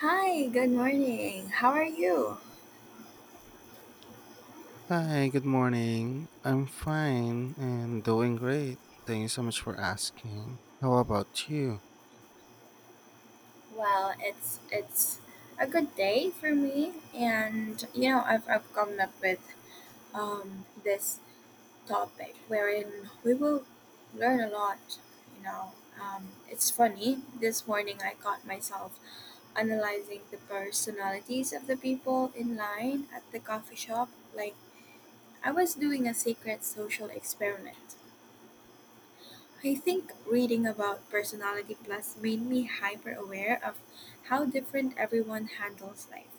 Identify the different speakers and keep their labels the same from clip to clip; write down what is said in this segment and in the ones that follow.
Speaker 1: Hi, good morning. How are you?
Speaker 2: Hi, good morning. I'm fine and doing great. Thank you so much for asking. How about you?
Speaker 1: Well, it's a good day for me, and you know I've come up with this topic wherein we will learn a lot. You know, it's funny. This morning I caught myself analyzing the personalities of the people in line at the coffee shop, like I was doing a secret social experiment. I think reading about Personality Plus made me hyper aware of how different everyone handles life.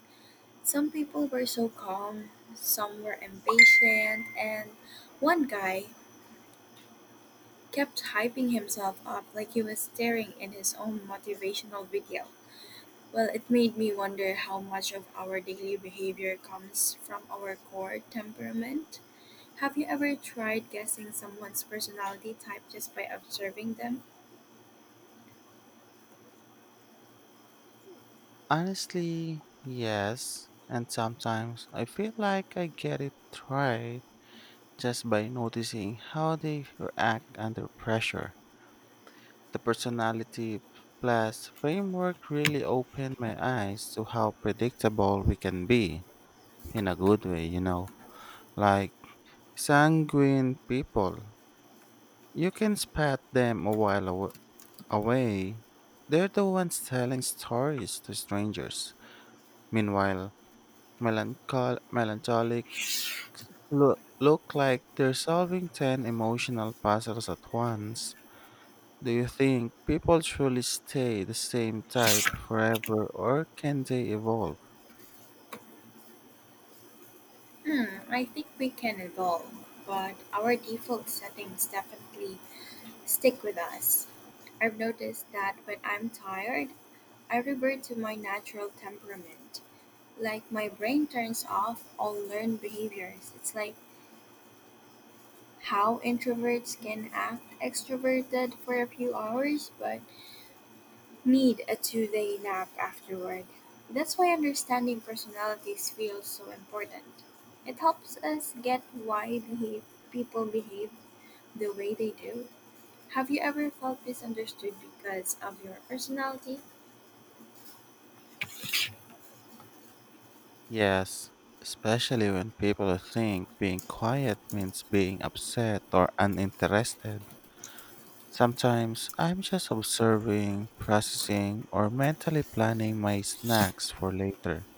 Speaker 1: Some people were so calm, some were impatient, and one guy kept hyping himself up like he was staring in his own motivational video. Well, it made me wonder how much of our daily behavior comes from our core temperament. Have you ever tried guessing someone's personality type just by observing them?
Speaker 2: Honestly, yes. And sometimes I feel like I get it right just by noticing how they react under pressure. The personality plus framework really opened my eyes to how predictable we can be in a good way, you know. Like sanguine people you can spot them away. They're the ones telling stories to strangers. Meanwhile, melancholic look like they're solving 10 emotional puzzles at once. Do you think people truly stay the same type forever, or can they evolve?
Speaker 1: Hmm, I think we can evolve, but our default settings definitely stick with us. I've noticed that when I'm tired, I revert to my natural temperament. Like my brain turns off all learned behaviors. It's like how introverts can act extroverted for a few hours but need a 2 day nap afterward. That's why understanding personalities feels so important. It helps us get people behave the way they do. Have you ever felt misunderstood because of your personality?
Speaker 2: Yes, especially when people think being quiet means being upset or uninterested. Sometimes I'm just observing, processing, or mentally planning my snacks for later.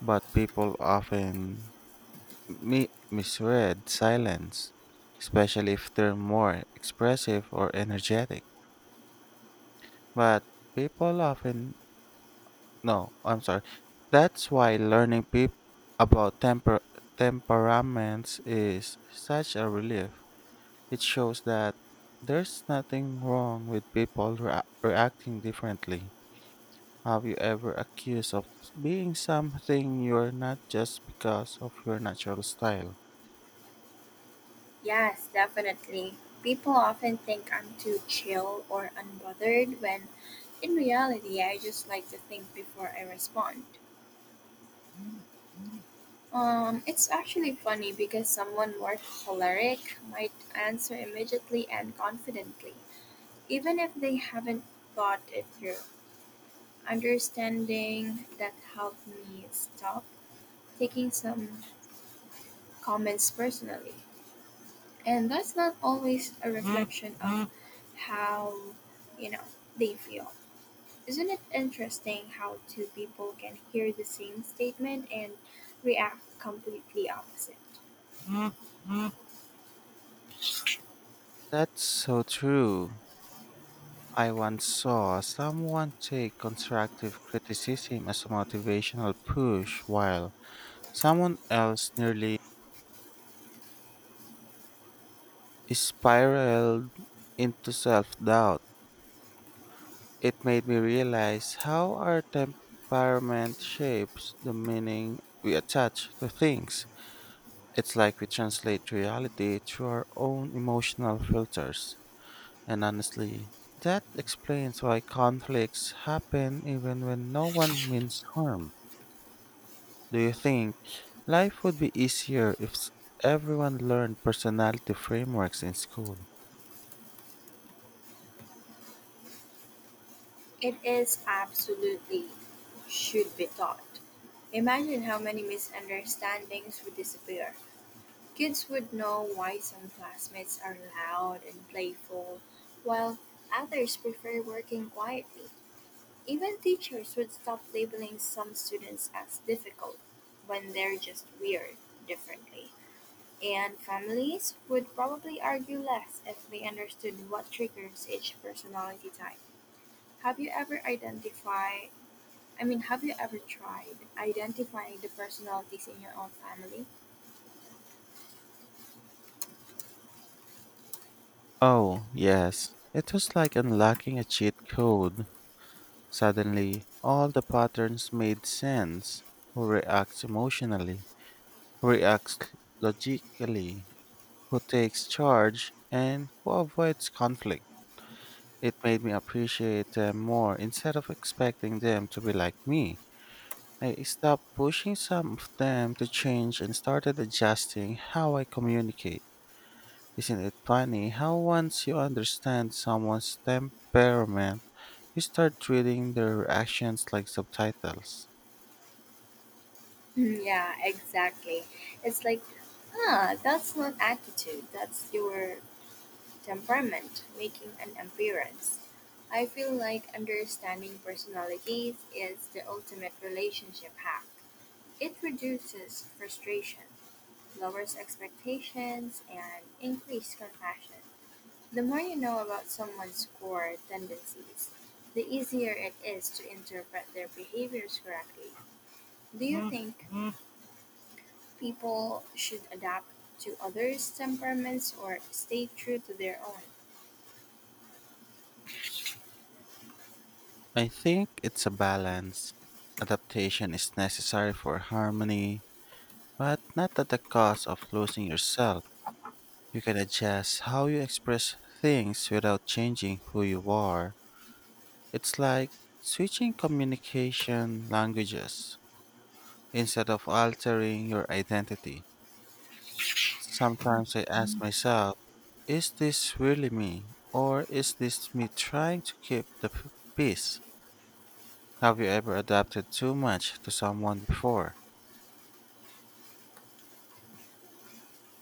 Speaker 2: But people often misread silence, especially if they're more expressive or energetic. But people often No, I'm sorry. That's why learning about temperaments is such a relief. It shows that there's nothing wrong with people reacting differently. Have you ever accused of being something you're not just because of your natural style?
Speaker 1: Yes, definitely. People often think I'm too chill or unbothered when in reality I just like to think before I respond. It's actually funny because someone more choleric might answer immediately and confidently, even if they haven't thought it through. Understanding that helped me stop taking some comments personally. And that's not always a reflection of how you know they feel. Isn't it interesting how two people can hear the same statement and react completely opposite?
Speaker 2: That's so true. I once saw someone take constructive criticism as a motivational push while someone else nearly spiraled into self doubt. It made me realize how our temperament shapes the meaning we attach to things. It's like we translate reality through our own emotional filters. And honestly, that explains why conflicts happen even when no one means harm. Do you think life would be easier if s- everyone learned personality frameworks in school?
Speaker 1: It is absolutely should be taught. Imagine how many misunderstandings would disappear. Kids would know why some classmates are loud and playful while others prefer working quietly. Even teachers would stop labeling some students as difficult when they're just weird differently. And families would probably argue less if they understood what triggers each personality type. Have you ever identified? I mean, have you ever tried identifying the personalities in your own family?
Speaker 2: Oh, yes. It was like unlocking a cheat code. Suddenly, all the patterns made sense. Who reacts emotionally? Who reacts logically? Who takes charge, and who avoids conflict? It made me appreciate them more instead of expecting them to be like me. I stopped pushing some of them to change and started adjusting how I communicate. Isn't it funny how, once you understand someone's temperament, you start treating their actions like subtitles?
Speaker 1: Mm, yeah, exactly. It's like, huh, that's not attitude, that's your temperament making an appearance. I feel like understanding personalities is the ultimate relationship hack. It reduces frustration, lowers expectations, and increases compassion. The more you know about someone's core tendencies, the easier it is to interpret their behaviors correctly. Do you think people should adapt to others' temperaments or stay true to their own?
Speaker 2: I think it's a balance. Adaptation is necessary for harmony, but not at the cost of losing yourself. You can adjust how you express things without changing who you are. It's like switching communication languages instead of altering your identity. Sometimes I ask myself, is this really me? Or is this me trying to keep the peace? Have you ever adapted too much to someone before?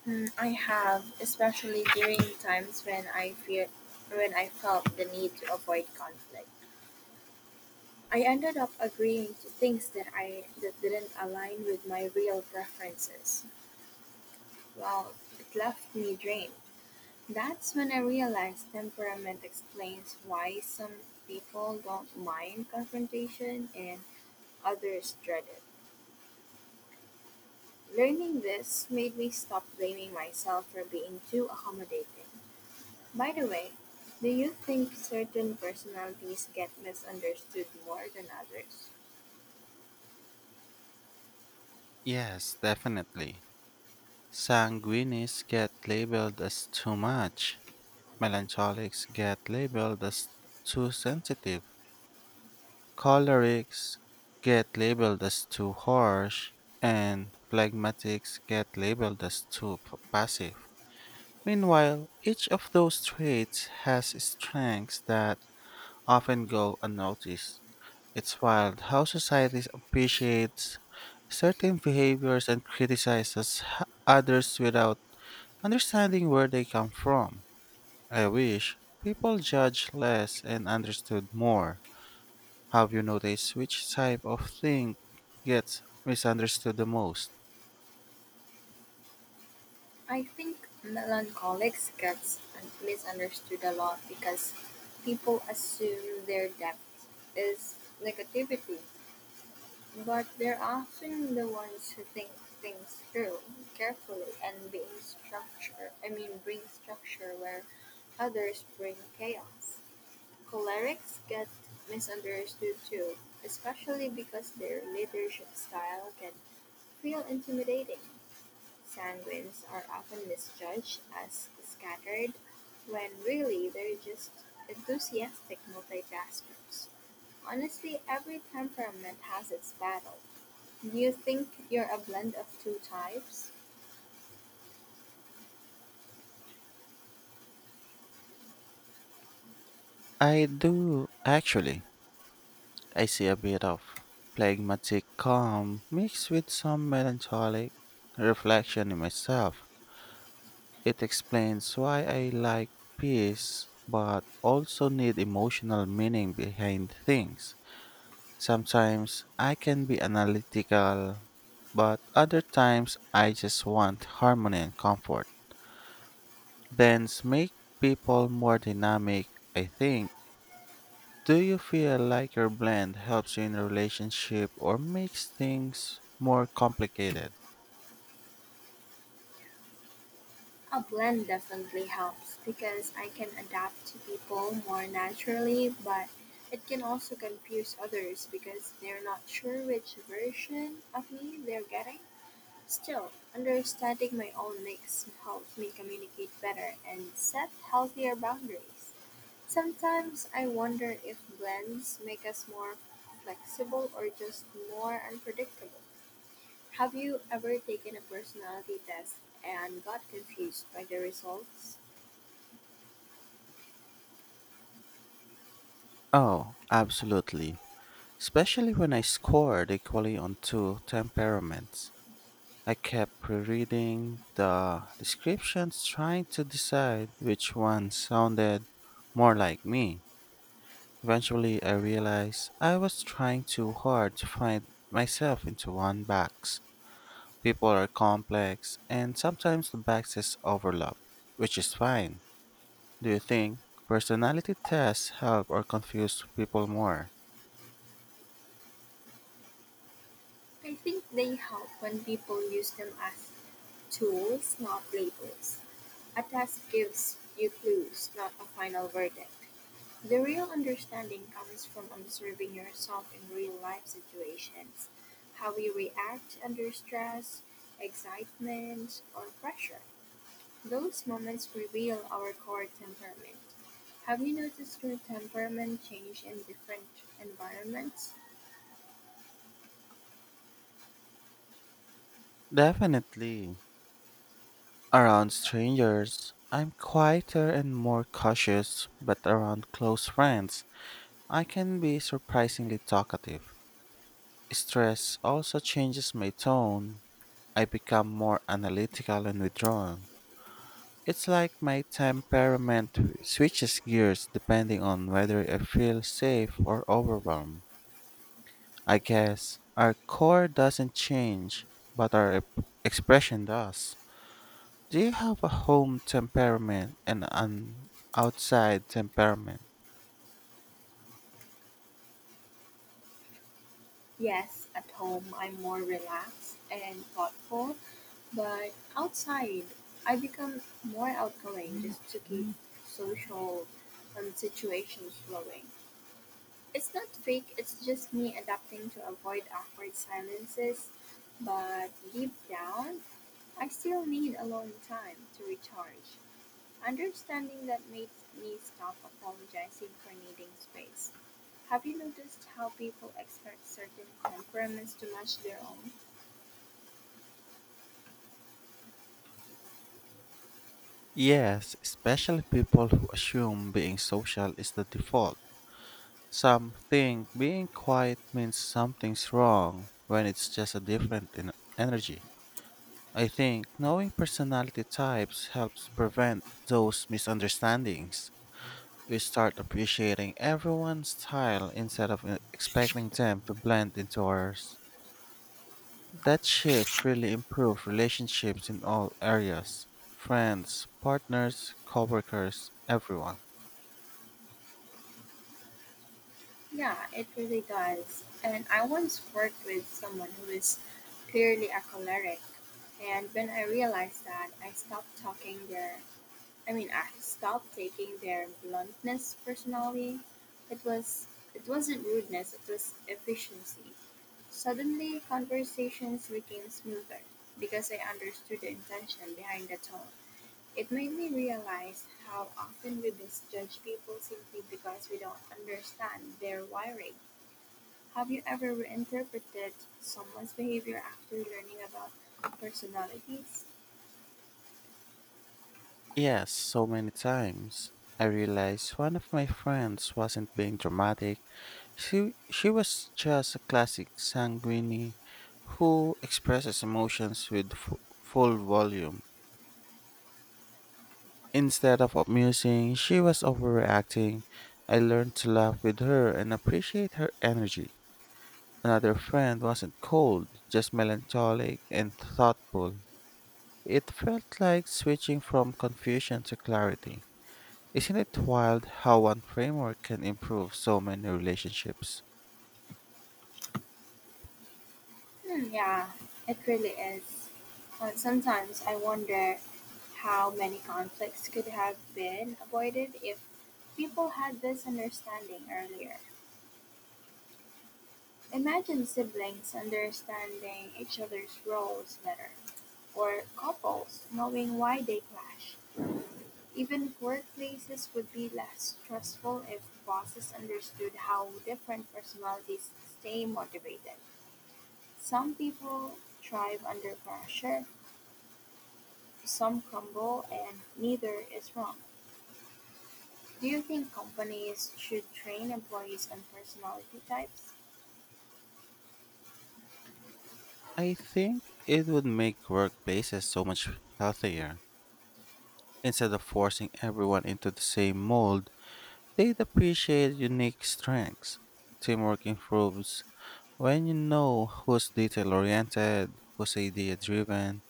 Speaker 1: Mm, I have, especially during times when I felt the need to avoid conflict. I ended up agreeing to things that I that didn't align with my real preferences. Well, it left me drained. That's when I realized temperament explains why some people don't mind confrontation and others dread it. Learning this made me stop blaming myself for being too accommodating. By the way, do you think certain personalities get misunderstood more than others?
Speaker 2: Yes, definitely. Sanguinis get labeled as too much. Melancholics get labeled as too sensitive, cholerics get labeled as too harsh, and phlegmatics get labeled as too passive. Meanwhile, each of those traits has strengths that often go unnoticed. It's wild how society appreciates certain behaviors and criticizes others without understanding where they come from. I wish people judge less and understood more. Have you noticed which type of thing gets misunderstood the most?
Speaker 1: I think melancholics get misunderstood a lot because people assume their depth is negativity, but they're often the ones who think things through carefully and being structure. I mean, bring structure where others bring chaos. Cholerics get misunderstood too, especially because their leadership style can feel intimidating. Sanguines are often misjudged as scattered when really they're just enthusiastic multitaskers. Honestly, every temperament has its battle. Do you think you're a blend of two types?
Speaker 2: I do, actually. I see a bit of phlegmatic calm mixed with some melancholic reflection in myself. It explains why I like peace but also need emotional meaning behind things. Sometimes I can be analytical, but other times I just want harmony and comfort. Blends make people more dynamic, I think. Do you feel like your blend helps you in a relationship or makes things more complicated?
Speaker 1: A blend definitely helps because I can adapt to people more naturally, but it can also confuse others because they're not sure which version of me they're getting. Still, understanding my own mix helps me communicate better and set healthier boundaries. Sometimes I wonder if blends make us more flexible or just more unpredictable. Have you ever taken a personality test and got confused by the results?
Speaker 2: Oh, absolutely. Especially when I scored equally on two temperaments. I kept rereading the descriptions trying to decide which one sounded more like me. Eventually, I realized I was trying too hard to find myself into one box. People are complex, and sometimes the boxes overlap, which is fine. Do you think personality tests help or confuse people more?
Speaker 1: I think they help when people use them as tools, not labels. A task gives you clues, not a final verdict. The real understanding comes from observing yourself in real life situations, how you react under stress, excitement, or pressure. Those moments reveal our core temperament. Have you noticed your temperament change in different environments?
Speaker 2: Definitely. Around strangers, I'm quieter and more cautious, but around close friends, I can be surprisingly talkative. Stress also changes my tone. I become more analytical and withdrawn. It's like my temperament switches gears depending on whether I feel safe or overwhelmed. I guess our core doesn't change, but our expression does. Do you have a home temperament and an outside temperament?
Speaker 1: Yes, at home I'm more relaxed and thoughtful, but outside I become more outgoing just to keep social situations flowing. It's not fake, it's just me adapting to avoid awkward silences, but deep down, I still need alone time to recharge. Understanding that made me stop apologizing for needing space. Have you noticed how people expect certain temperaments to match their own?
Speaker 2: Yes, especially people who assume being social is the default. Some think being quiet means something's wrong when it's just a different in energy. I think knowing personality types helps prevent those misunderstandings. We start appreciating everyone's style instead of expecting them to blend into ours. That shift really improved relationships in all areas: friends, partners, coworkers, everyone.
Speaker 1: Yeah, it really does. And I once worked with someone who is clearly a choleric, and when I realized that, I mean, I stopped taking their bluntness personally. It was it wasn't rudeness, it was efficiency. Suddenly, conversations became smoother because I understood the intention behind the tone. It made me realize how often we misjudge people simply because we don't understand their wiring. Have you ever reinterpreted someone's behavior after learning about personalities?
Speaker 2: Yes, so many times. I realized one of my friends wasn't being dramatic. She was just a classic sanguine who expresses emotions with full volume. Instead of amusing, she was overreacting. I learned to laugh with her and appreciate her energy. Another friend wasn't cold, just melancholic and thoughtful. It felt like switching from confusion to clarity. Isn't it wild how one framework can improve so many relationships?
Speaker 1: Hmm, yeah, it really is. And sometimes I wonder how many conflicts could have been avoided if people had this understanding earlier. Imagine siblings understanding each other's roles better, or couples knowing why they clash. Even workplaces would be less stressful if bosses understood how different personalities stay motivated. Some people thrive under pressure. Some grumble, and neither is wrong. Do you think companies should train employees on personality types?
Speaker 2: I think it would make workplaces so much healthier. Instead of forcing everyone into the same mold, they'd appreciate unique strengths. Teamwork improves when you know who's detail oriented, who's idea driven,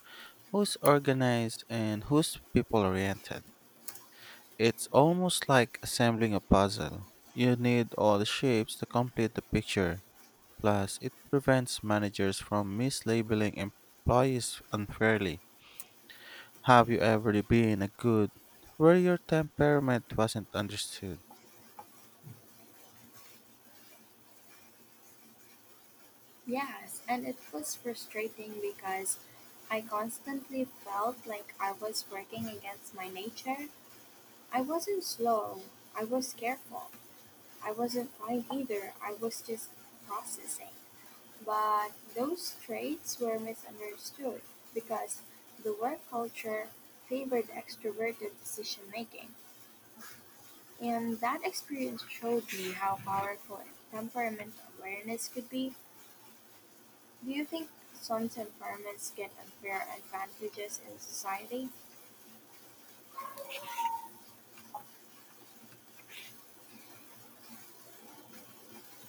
Speaker 2: who's organized, and who's people oriented. It's almost like assembling a puzzle. You need all the shapes to complete the picture. Plus, it prevents managers from mislabeling employees unfairly. Have you ever been a good where your temperament wasn't understood?
Speaker 1: Yes, and it was frustrating because I constantly felt like I was working against my nature. I wasn't slow, I was careful. I wasn't quiet either, I was just processing. But those traits were misunderstood because the work culture favored extroverted decision making. And that experience showed me how powerful temperament awareness could be. Do you think some temperaments get unfair advantages in society?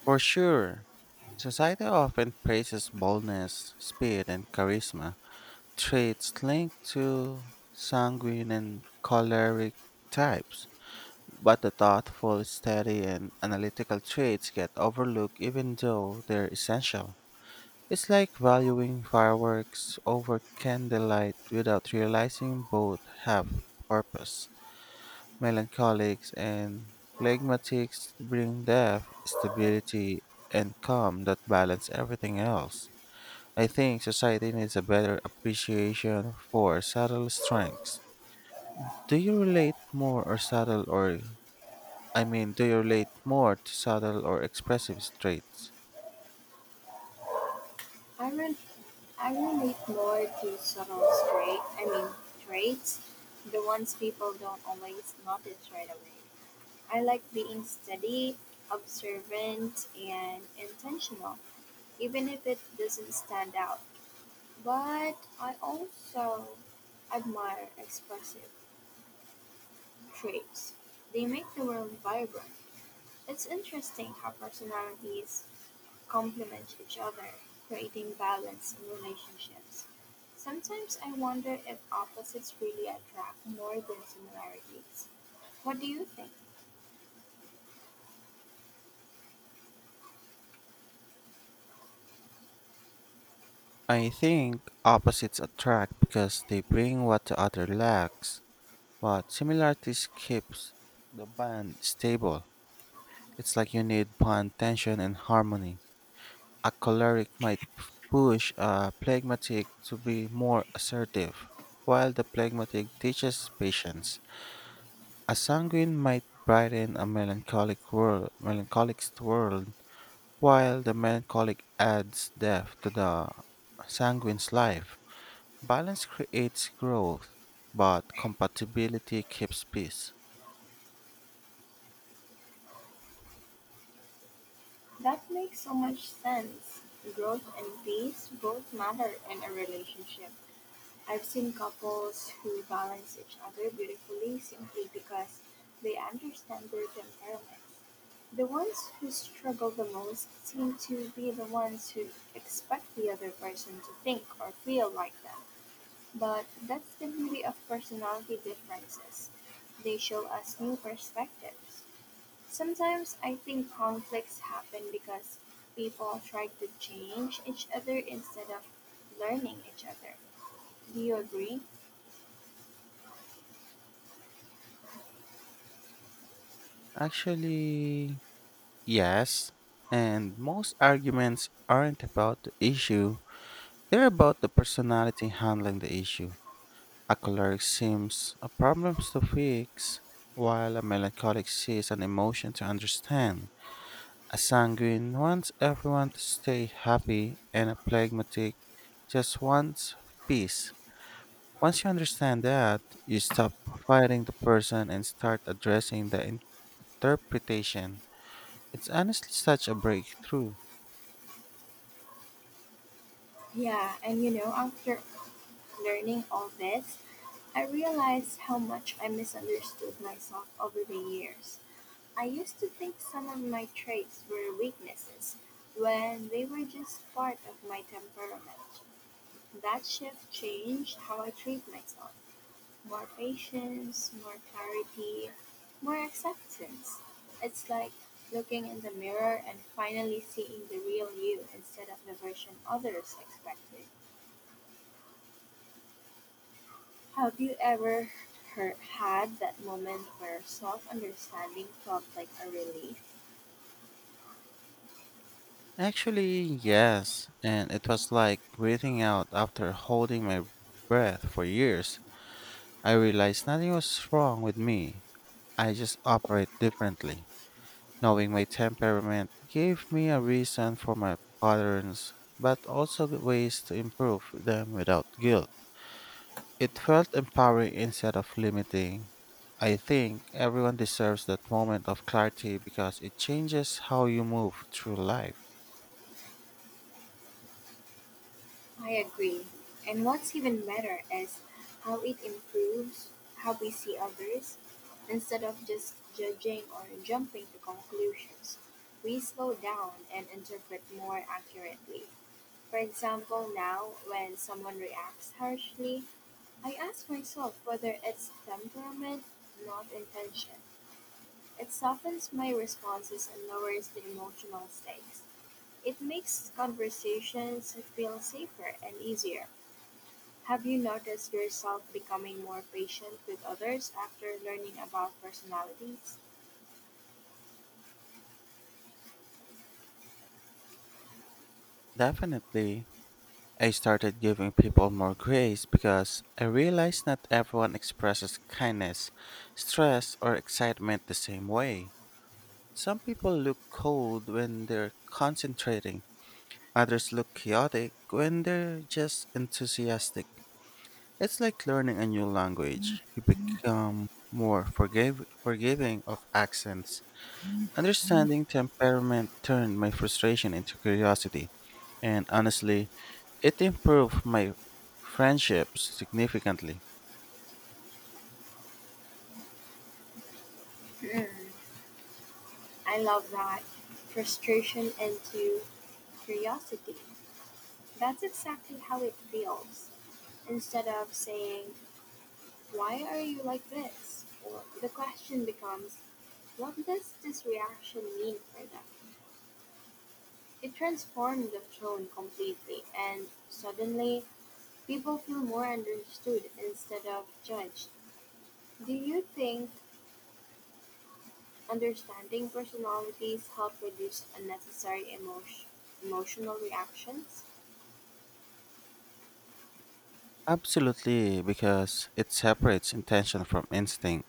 Speaker 2: For sure. Society often praises boldness, speed, and charisma, traits linked to sanguine and choleric types. But the thoughtful, steady, and analytical traits get overlooked even though they're essential. It's like valuing fireworks over candlelight without realizing both have purpose. Melancholics and phlegmatics bring depth, stability, and calm that balance everything else. I think society needs a better appreciation for subtle strengths. Do you relate more or subtle or I mean, do you relate more to subtle or expressive traits?
Speaker 1: I, re- I relate more to subtle trait, I mean traits, the ones people don't always notice right away. I like being steady, observant, and intentional, even if it doesn't stand out. But I also admire expressive traits. They make the world vibrant. It's interesting how personalities complement each other, creating balance in relationships. Sometimes I wonder if opposites really attract more than similarities. What do you think?
Speaker 2: I think opposites attract because they bring what the other lacks, but similarities keeps the bond stable. It's like you need bond tension and harmony. A choleric might push a phlegmatic to be more assertive, while the phlegmatic teaches patience. A sanguine might brighten a melancholic world, while the melancholic adds depth to the sanguine's life. Balance creates growth, but compatibility keeps peace.
Speaker 1: That makes so much sense. Growth and peace both matter in a relationship. I've seen couples who balance each other beautifully simply because they understand their temperament. The ones who struggle the most seem to be the ones who expect the other person to think or feel like them. But that's the beauty of personality differences. They show us new perspectives. Sometimes I think conflicts happen because people try to change each other instead of learning each other. Do you agree?
Speaker 2: Actually, yes. And most arguments aren't about the issue, they're about the personality handling the issue. A choleric seems a problem to fix, while a melancholic sees an emotion to understand. A sanguine wants everyone to stay happy, and a phlegmatic just wants peace. Once you understand that, you stop fighting the person and start addressing the interpretation. It's honestly such a breakthrough.
Speaker 1: Yeah, and you know, after learning all this, I realized how much I misunderstood myself over the years. I used to think some of my traits were weaknesses when they were just part of my temperament. That shift changed how I treat myself. More patience, more clarity, more acceptance. It's like looking in the mirror and finally seeing the real you instead of the version others expected. Have you ever her had that moment where self understanding felt like a relief?
Speaker 2: Actually, yes, and it was like breathing out after holding my breath for years. I realized nothing was wrong with me. I just operate differently. Knowing my temperament gave me a reason for my patterns, but also ways to improve them without guilt. It felt empowering instead of limiting. I think everyone deserves that moment of clarity because it changes how you move through life.
Speaker 1: I agree. And what's even better is how it improves how we see others. Instead of just judging or jumping to conclusions, we slow down and interpret more accurately. For example, now when someone reacts harshly, I ask myself whether it's temperament, not intention. It softens my responses and lowers the emotional stakes. It makes conversations feel safer and easier. Have you noticed yourself becoming more patient with others after learning about personalities?
Speaker 2: Definitely. I started giving people more grace because I realized not everyone expresses kindness, stress, or excitement the same way. Some people look cold when they're concentrating, others look chaotic when they're just enthusiastic. It's like learning a new language. You become more forgiving of accents. Understanding temperament turned my frustration into curiosity, and honestly, it improved my friendships significantly.
Speaker 1: Hmm, I love that. Frustration into curiosity. That's exactly how it feels. Instead of saying, "Why are you like this?" Or the question becomes, "What does this reaction mean for them?" It transformed the tone completely, and suddenly people feel more understood instead of judged. Do you think understanding personalities help reduce emotional reactions?
Speaker 2: Absolutely, because it separates intention from instinct.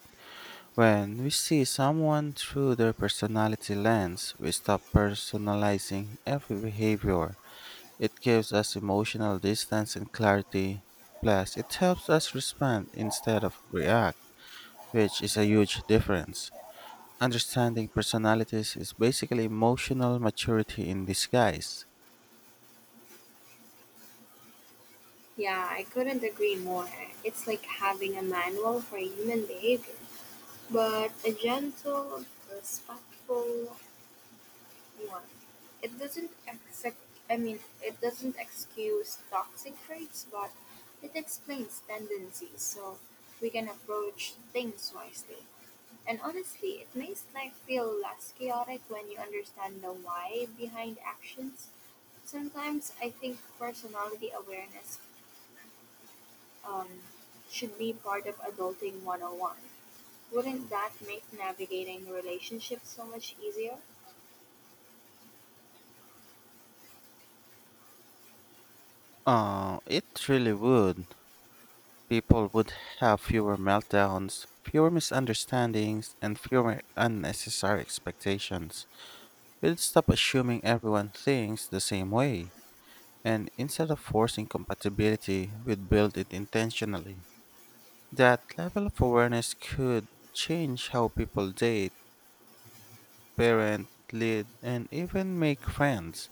Speaker 2: When we see someone through their personality lens, we stop personalizing every behavior. It gives us emotional distance and clarity. Plus, it helps us respond instead of react, which is a huge difference. Understanding personalities is basically emotional maturity in disguise.
Speaker 1: Yeah, I couldn't agree more. It's like having a manual for human behavior, but a gentle, respectful one. It doesn't exact I mean It doesn't excuse toxic traits, but it explains tendencies so we can approach things wisely. And honestly, it makes life feel less chaotic when you understand the why behind actions. Sometimes I think personality awareness um, should be part of Adulting 101. Wouldn't that make navigating relationships so much easier?
Speaker 2: It really would. People would have fewer meltdowns, fewer misunderstandings, and fewer unnecessary expectations. We'd stop assuming everyone thinks the same way, and instead of forcing compatibility, we'd build it intentionally. That level of awareness could change how people date, parent, lead, and even make friends.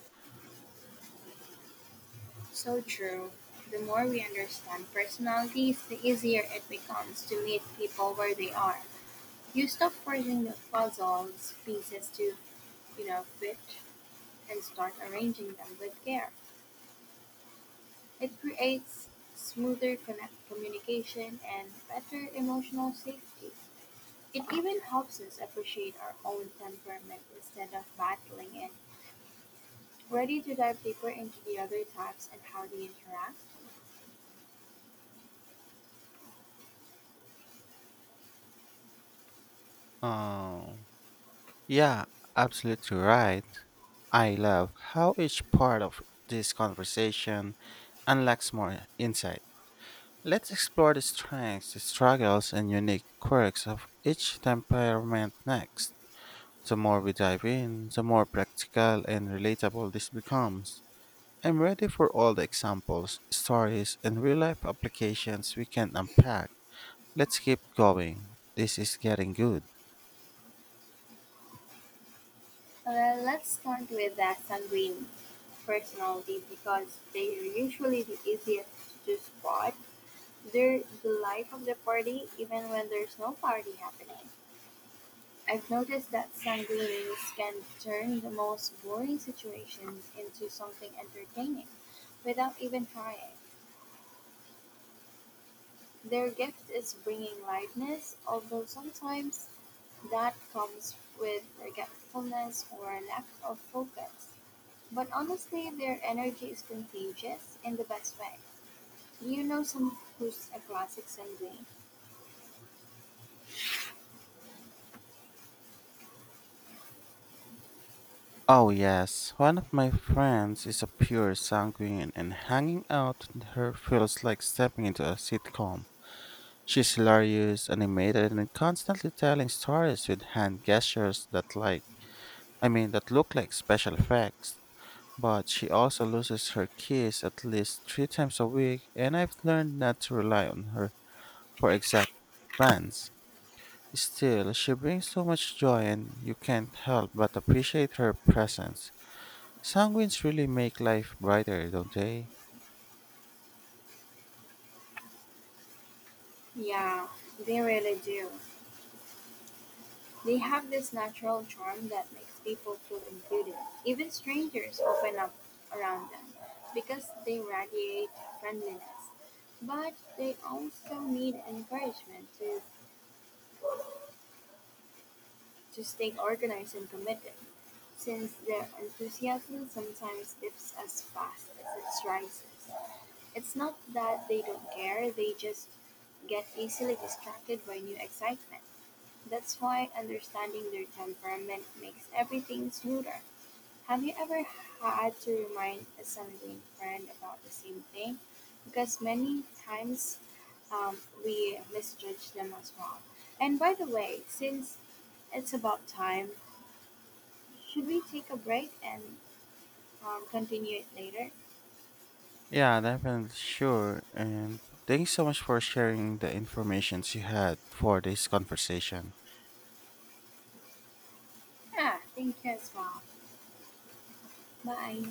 Speaker 1: So true. The more we understand personalities, the easier it becomes to meet people where they are. You stop forcing the puzzle's pieces to, fit, and start arranging them with care. It creates smoother connect communication and better emotional safety. It even helps us appreciate our own temperament instead of battling it. Ready to dive deeper into the other types and how they interact?
Speaker 2: Um, yeah, Absolutely right. I love how each part of this conversation unlocks more insight. Let's explore the strengths, the struggles, and unique quirks of each temperament next. The more we dive in, the more practical and relatable this becomes. I'm ready for all the examples, stories, and real life applications we can unpack. Let's keep going. This is getting good.
Speaker 1: Well, let's start with the sanguine personality because they are usually the easiest to spot. They're the life of the party even when there's no party happening. I've noticed that sanguines can turn the most boring situations into something entertaining without even trying. Their gift is bringing lightness, although sometimes that comes with forgetfulness or a lack of focus. But honestly, their energy is contagious in the best way. You know some who's a classic someday.
Speaker 2: Oh, yes, one of my friends is a pure sanguine, and hanging out with her feels like stepping into a sitcom. She's hilarious, animated, and constantly telling stories with hand gestures that I mean, that look like special effects. But she also loses her keys at least 3 times a week, and I've learned not to rely on her for exact plans. Still, she brings so much joy and you can't help but appreciate her presence. Sanguines really make life brighter, don't they?
Speaker 1: Yeah, they really do. They have this natural charm that makes people feel included. Even strangers open up around them because they radiate friendliness. But they also need encouragement to stay organized and committed, since their enthusiasm sometimes dips as fast as it rises. It's not that they don't care, they just get easily distracted by new excitement. That's why understanding their temperament makes everything smoother. Have you ever had to remind a sibling friend about the same thing? Because many times um, we misjudge them as well. And by the way, since it's about time, should we take a break and continue it later?
Speaker 2: Yeah, definitely sure. And thanks so much for sharing the information you had for this conversation.
Speaker 1: Ah, thank you as well. Bye.